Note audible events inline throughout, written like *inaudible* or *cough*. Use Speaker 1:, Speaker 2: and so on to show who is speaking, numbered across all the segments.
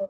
Speaker 1: Oh,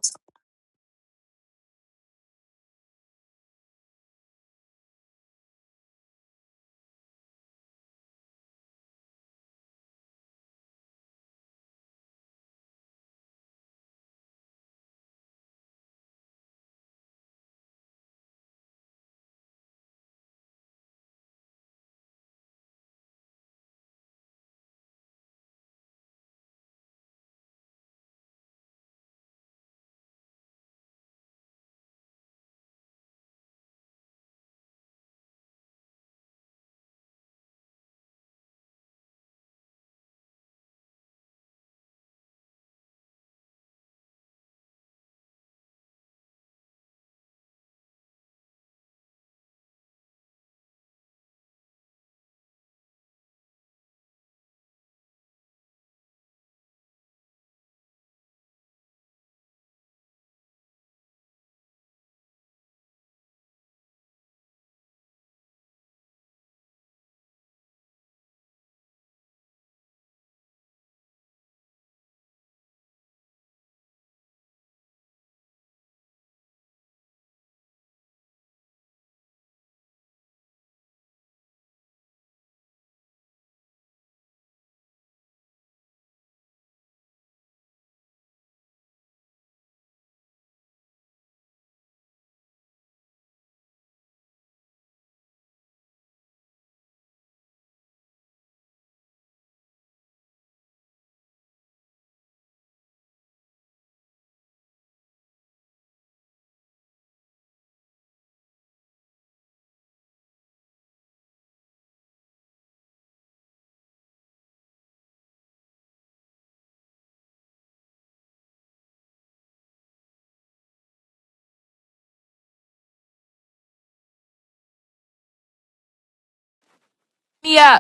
Speaker 2: Yeah.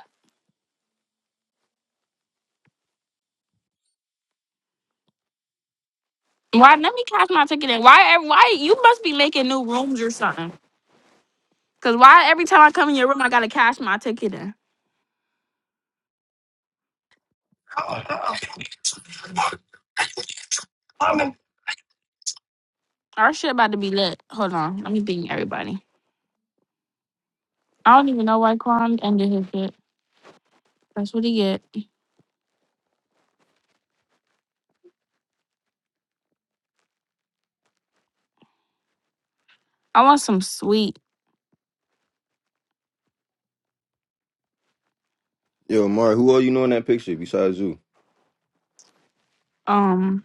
Speaker 2: Why? Let me cash my ticket in. Why? ev- Why you must be making new rooms or something? Cause why every time I come in your room, I gotta cash my ticket in.
Speaker 1: oh, oh. I'm in
Speaker 2: Our shit about to be lit. Hold on, let me bing everybody. I don't even know why Quan ended his shit. That's what he get. I want some sweet.
Speaker 3: Yo, Mark, who all you know in that picture besides Zoo?
Speaker 2: Um.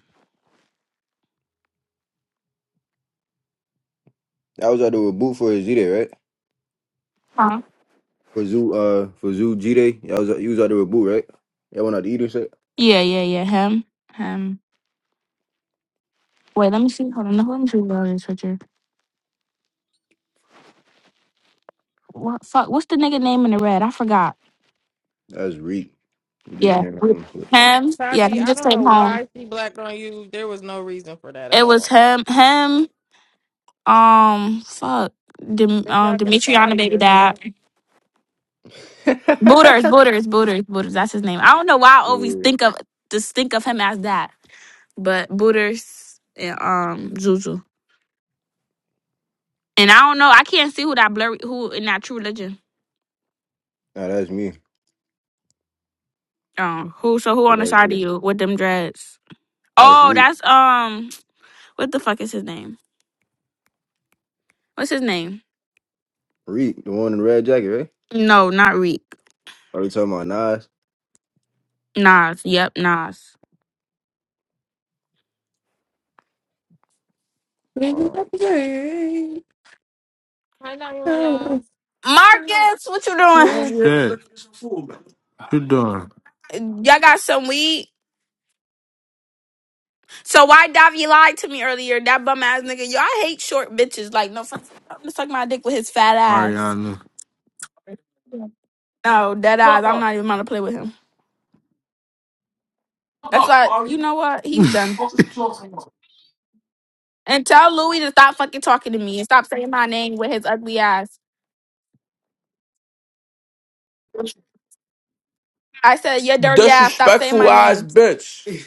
Speaker 3: I was out there with Boo for his G-Day, right?
Speaker 2: Huh?
Speaker 3: For Zoo, uh, for Zoo G-Day, I was, you was out there with Boo, right? Y'all went out to eat or shit?
Speaker 2: Yeah, yeah, yeah. Him, him. Wait, let me see. Hold on. Let me see what this picture. What fuck? What's the nigga name in the red? I forgot.
Speaker 3: That's Reek. You just
Speaker 2: Yeah,
Speaker 3: came home and
Speaker 2: him. Yeah,
Speaker 4: Taji,
Speaker 2: he
Speaker 4: I
Speaker 2: just
Speaker 4: don't
Speaker 2: came
Speaker 4: know
Speaker 2: home.
Speaker 4: why she blacked on you. There was no reason for that at
Speaker 2: It was
Speaker 4: all.
Speaker 2: him. Him. Um, fuck. Dim-
Speaker 4: Good
Speaker 2: um,
Speaker 4: God, get up out
Speaker 2: Demetriana
Speaker 4: of
Speaker 2: baby
Speaker 4: here,
Speaker 2: dad.
Speaker 4: gang.
Speaker 3: *laughs*
Speaker 2: Booters, Booters, Booters, Booters. That's his name. I don't know why I always
Speaker 3: Yeah.
Speaker 2: think of just think of him as that, but Booters and um Zuzu. And I don't know. I can't see who that blurry who in that True Religion.
Speaker 3: Nah, that's me.
Speaker 2: Um, who? So who on the
Speaker 3: Right
Speaker 2: side of
Speaker 3: there.
Speaker 2: you with them dreads?
Speaker 3: That's
Speaker 2: Oh,
Speaker 3: Reek.
Speaker 2: that's um. What the fuck is his name? What's his name?
Speaker 3: Reek, the one in the red jacket, right?
Speaker 2: No, not Reek.
Speaker 3: Are you talking about Nas?
Speaker 2: Nas. Yep, Nas.
Speaker 5: Thank
Speaker 3: Alright.
Speaker 5: you.
Speaker 4: Hi, Diana love.
Speaker 2: Marcus, what you doing?
Speaker 6: Don't you hear me Shit, looking at some fool, man? you doing,
Speaker 2: Y'all got some weed? So why Davi lied to me earlier? That bum ass nigga. Yo, I hate short bitches. Like, no, fuck, I'm gonna suck my dick with his fat ass.
Speaker 6: Mariana?
Speaker 2: No, dead eyes.
Speaker 6: Fuck
Speaker 2: I'm
Speaker 6: up.
Speaker 2: not even about to play with him.
Speaker 6: Fuck
Speaker 2: That's
Speaker 6: up,
Speaker 2: why.
Speaker 6: Ari.
Speaker 2: You know what? He's done.
Speaker 6: Fuck is you talking
Speaker 2: And tell Louis to stop fucking talking to me and stop saying my name with his ugly ass.
Speaker 6: about?
Speaker 2: I said your dirty ass. Stop saying my
Speaker 6: Disrespectful ass
Speaker 2: name.
Speaker 6: bitch.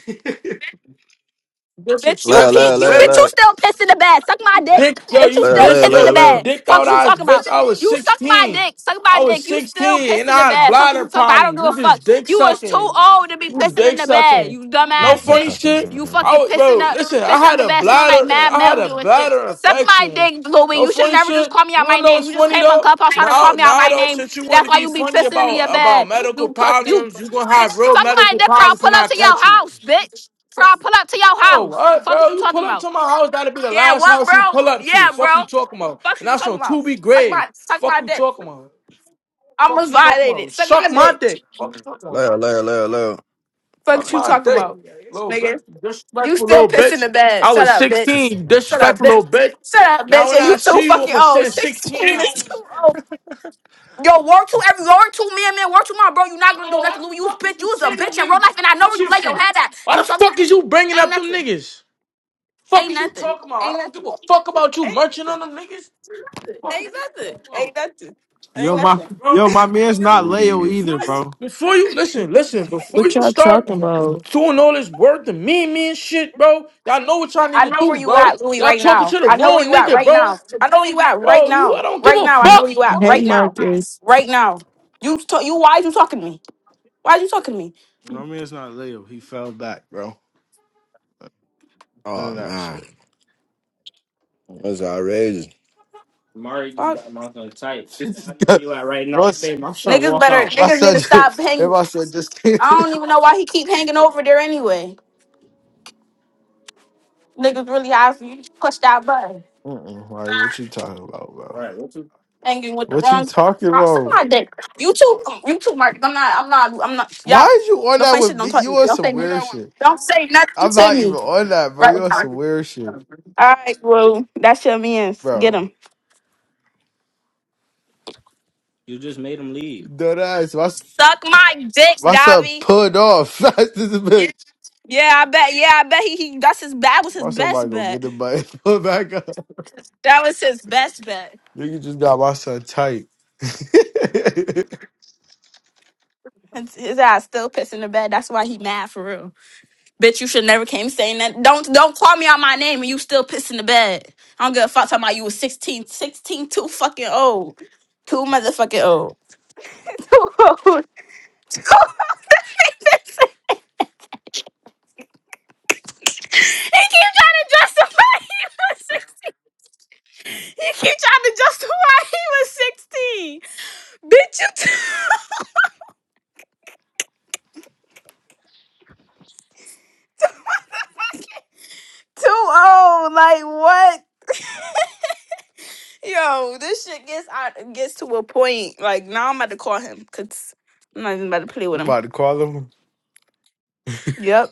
Speaker 2: Bitch, you
Speaker 3: Loud,
Speaker 2: pee,
Speaker 6: Disrespectful
Speaker 3: loud,
Speaker 2: you
Speaker 3: loud,
Speaker 2: bitch,
Speaker 6: bitch.
Speaker 2: you
Speaker 3: loud.
Speaker 2: still piss in the bed. Suck my dick.
Speaker 6: Dick, yo,
Speaker 2: Bitch, you
Speaker 6: you
Speaker 3: Loud,
Speaker 2: still
Speaker 6: dish,
Speaker 3: loud,
Speaker 2: piss in
Speaker 6: yo,
Speaker 2: the
Speaker 3: loud,
Speaker 6: you
Speaker 3: loud.
Speaker 2: bed.
Speaker 6: dicked
Speaker 2: Fuck
Speaker 6: out
Speaker 2: is you
Speaker 6: eyes,
Speaker 2: talking
Speaker 6: bitch.
Speaker 2: about.
Speaker 6: I was
Speaker 2: You suck my
Speaker 6: 16.
Speaker 2: dick. Suck my
Speaker 6: I was
Speaker 2: dick. You still
Speaker 6: 16
Speaker 2: piss
Speaker 6: and
Speaker 2: in the
Speaker 6: I had
Speaker 2: bed. Fuck is
Speaker 6: bladder
Speaker 2: you talking about. I don't
Speaker 6: problems.
Speaker 2: give a
Speaker 6: You
Speaker 2: fuck.
Speaker 6: just dick
Speaker 2: You was too
Speaker 6: sucking.
Speaker 2: old to be
Speaker 6: You
Speaker 2: pissing in
Speaker 6: dick
Speaker 2: the bed.
Speaker 6: sucking.
Speaker 2: You
Speaker 6: No
Speaker 2: dumbass
Speaker 6: funny
Speaker 2: bitch.
Speaker 6: shit.
Speaker 2: You
Speaker 3: *laughs*
Speaker 6: I
Speaker 2: fucking
Speaker 6: was,
Speaker 2: pissing
Speaker 6: bro,
Speaker 2: up,
Speaker 6: listen, I
Speaker 2: pissing on
Speaker 6: had
Speaker 2: the
Speaker 6: a
Speaker 2: bed, smelling like
Speaker 6: bladder,
Speaker 2: mad
Speaker 6: I had a
Speaker 2: mildew and shit.
Speaker 6: bladder
Speaker 2: Suck my
Speaker 6: infection.
Speaker 2: dick, Louie.
Speaker 6: No
Speaker 2: You should have
Speaker 6: funny
Speaker 2: never just
Speaker 6: shit.
Speaker 2: called me out
Speaker 6: You
Speaker 2: my
Speaker 6: wanna know
Speaker 2: name.
Speaker 6: what's
Speaker 2: You just
Speaker 6: funny
Speaker 2: came on
Speaker 6: though?
Speaker 2: Clubhouse trying to call
Speaker 6: Now,
Speaker 2: me out
Speaker 6: now
Speaker 2: my
Speaker 6: though,
Speaker 2: name.
Speaker 6: since you want
Speaker 2: That's
Speaker 6: to
Speaker 2: why
Speaker 6: be
Speaker 2: you be
Speaker 6: funny
Speaker 2: pissing in your
Speaker 6: about about
Speaker 2: bed.
Speaker 6: medical
Speaker 2: You put you
Speaker 6: problems, you gonna
Speaker 2: bitch.
Speaker 6: have real
Speaker 2: Suck my
Speaker 6: medical
Speaker 2: dick, or I'll
Speaker 6: problems
Speaker 2: pull
Speaker 6: when
Speaker 2: up
Speaker 6: I
Speaker 2: to your
Speaker 6: catch you.
Speaker 2: house, bitch. So I pull up to your
Speaker 6: Bro,
Speaker 2: house.
Speaker 6: what,
Speaker 2: Fuck is
Speaker 6: bro?
Speaker 2: you
Speaker 6: You
Speaker 2: talking
Speaker 6: pull up
Speaker 2: about?
Speaker 6: to my house, that'll be the
Speaker 2: Yeah,
Speaker 6: last
Speaker 2: what,
Speaker 6: house you
Speaker 2: bro?
Speaker 6: pull up to.
Speaker 2: Yeah,
Speaker 6: Fuck
Speaker 2: bro.
Speaker 6: you talking about.
Speaker 2: Fuck
Speaker 6: And
Speaker 2: is you
Speaker 6: that's
Speaker 2: talking
Speaker 6: on
Speaker 2: about?
Speaker 6: 2B
Speaker 2: Suck
Speaker 6: grade.
Speaker 2: my, suck
Speaker 6: Fuck
Speaker 2: my
Speaker 6: you
Speaker 2: dick.
Speaker 6: talking about.
Speaker 2: I
Speaker 6: Fuck
Speaker 2: almost
Speaker 6: you talking
Speaker 2: violated.
Speaker 6: about.
Speaker 2: Suck
Speaker 6: Suck
Speaker 2: my
Speaker 6: my
Speaker 2: dick.
Speaker 6: dick. Fuck you talking about.
Speaker 3: Loud, loud, loud, loud.
Speaker 2: Fuck
Speaker 6: Suck
Speaker 2: is you
Speaker 6: my
Speaker 2: talking
Speaker 6: dick.
Speaker 2: about,
Speaker 6: Little
Speaker 2: nigga?
Speaker 6: bitch. You
Speaker 2: You
Speaker 6: Disrespectful
Speaker 2: still
Speaker 6: little
Speaker 2: pissing
Speaker 6: bitch.
Speaker 2: the bed.
Speaker 6: I
Speaker 2: Shut
Speaker 6: was
Speaker 2: up,
Speaker 6: 16,
Speaker 2: bitch.
Speaker 6: you
Speaker 3: *laughs*
Speaker 2: Shut up,
Speaker 6: disrespectful
Speaker 2: bitch.
Speaker 6: little bitch.
Speaker 2: Shut up,
Speaker 6: Now
Speaker 2: bitch.
Speaker 6: when
Speaker 2: And
Speaker 6: I
Speaker 2: you too
Speaker 6: see you,
Speaker 2: fucking
Speaker 6: I'ma
Speaker 2: old.
Speaker 6: send 16
Speaker 2: Sixteen
Speaker 6: at
Speaker 2: is
Speaker 6: you.
Speaker 2: too old. Yo, work to every work to me and man, work to my bro. you not gonna do
Speaker 6: Oh, why
Speaker 2: nothing, Lou.
Speaker 6: the
Speaker 2: You was
Speaker 6: fuck is
Speaker 2: bitch. You
Speaker 6: you
Speaker 2: was a
Speaker 6: saying
Speaker 2: bitch
Speaker 6: them
Speaker 2: in real
Speaker 6: niggas?
Speaker 2: life, and I know where
Speaker 6: What
Speaker 2: you
Speaker 6: you
Speaker 2: lay your
Speaker 6: for?
Speaker 2: head at. And
Speaker 6: Why
Speaker 2: you
Speaker 6: the
Speaker 2: talking
Speaker 6: fuck is
Speaker 2: about
Speaker 6: you bringing
Speaker 2: ain't
Speaker 6: up them
Speaker 2: nothing,
Speaker 6: niggas? Fuck
Speaker 2: ain't
Speaker 6: is you
Speaker 2: nothing,
Speaker 6: talking about? I
Speaker 2: ain't
Speaker 6: don't give
Speaker 2: nothing,
Speaker 6: a fuck about you
Speaker 2: ain't
Speaker 6: merching
Speaker 2: nothing.
Speaker 6: on them niggas. Fuck
Speaker 2: Ain't nothing.
Speaker 6: you,
Speaker 2: Ain't nothing. Ain't
Speaker 6: Yo, my
Speaker 2: nothing.
Speaker 6: yo, my man's not Leo
Speaker 3: Tootie.
Speaker 6: either, Before you, bro. before you listen, listen. Before
Speaker 7: What
Speaker 6: you
Speaker 7: y'all
Speaker 6: start
Speaker 7: talking about?
Speaker 6: doing all this work and me, me and shit, bro. Y'all know what y'all need
Speaker 2: I
Speaker 6: to
Speaker 2: know where
Speaker 6: do,
Speaker 2: you
Speaker 6: bro.
Speaker 2: at, Louis,
Speaker 6: Y'all
Speaker 2: right
Speaker 6: talking
Speaker 2: now.
Speaker 6: to the
Speaker 2: I know where
Speaker 6: wrong
Speaker 2: you at
Speaker 6: nigga,
Speaker 2: right
Speaker 6: bro.
Speaker 2: now. I know where you at right
Speaker 6: Bro, you,
Speaker 2: now.
Speaker 6: I don't give
Speaker 2: Right
Speaker 6: a
Speaker 2: now, I know where you
Speaker 6: fuck.
Speaker 2: at
Speaker 6: Fuck you
Speaker 7: Hey,
Speaker 2: right
Speaker 6: talking
Speaker 2: now.
Speaker 6: about?
Speaker 7: Marcus.
Speaker 2: Right now. You t- you why you talking to me? Why you talking to me?
Speaker 6: My man's not Leo. He fell back, bro. None
Speaker 3: Oh,
Speaker 6: of that
Speaker 3: man.
Speaker 6: shit.
Speaker 3: That's outrageous.
Speaker 2: Fuck.
Speaker 6: You are *laughs* not bro, saying
Speaker 2: Niggas better
Speaker 6: no. my
Speaker 2: niggas need
Speaker 6: son, *laughs*
Speaker 2: to stop
Speaker 6: just-
Speaker 2: hanging.
Speaker 6: my son just. *laughs*
Speaker 2: I don't even know why he keep hanging over there anyway. Niggas really have you push that button.
Speaker 6: Mm-mm, Mari, what you talking about, bro? Right. What you?
Speaker 2: Hanging with the
Speaker 6: What you
Speaker 2: wrong
Speaker 6: talking
Speaker 2: crop. Suck
Speaker 6: about?
Speaker 2: my dick. You too you too Mark. I'm not I'm not I'm not
Speaker 6: Why
Speaker 2: y'all
Speaker 6: is you on
Speaker 2: don't
Speaker 6: that
Speaker 2: say shit,
Speaker 6: with
Speaker 2: don't
Speaker 6: me?
Speaker 2: talk to
Speaker 6: You
Speaker 2: me.
Speaker 6: on
Speaker 2: Don't
Speaker 6: some
Speaker 2: say,
Speaker 6: weird shit.
Speaker 2: don't say nothing
Speaker 6: I'm
Speaker 2: to
Speaker 6: not even
Speaker 2: me.
Speaker 6: on that, bro. You
Speaker 2: Right.
Speaker 6: on
Speaker 2: All
Speaker 6: some weird shit,
Speaker 2: right. Well, that's your man's. Get
Speaker 6: bro.
Speaker 2: him.
Speaker 6: You just made him leave. Dead ass. My,
Speaker 2: Suck my dick,
Speaker 6: my son
Speaker 2: Davi.
Speaker 6: pulled off *laughs* fast as a bitch.
Speaker 2: Yeah, I bet. Yeah, I bet he. he that's his. That was his
Speaker 6: My son about
Speaker 2: best
Speaker 6: go get
Speaker 2: bet.
Speaker 6: the button *laughs* put back up.
Speaker 2: That was his best bet.
Speaker 6: Nigga just got my son tight. *laughs*
Speaker 2: His, his ass still pissing the bed. That's why he mad for real. Bitch, you should never came saying that. Don't don't call me out my name and you still pissing the bed. I don't give a fuck talking about you was 16, 16 too fucking old. Too motherfucking old. *laughs* Too old. Too old. *laughs* he keep trying to justify he was 16. He keep trying to justify *laughs* he was 16. Bitch, you too, *laughs* too old. Like what? Yo, this shit gets out gets to a point. Like now I'm about to call him because I'm not even about to play with
Speaker 6: I'm
Speaker 2: him.
Speaker 6: about to call him.
Speaker 2: Yep.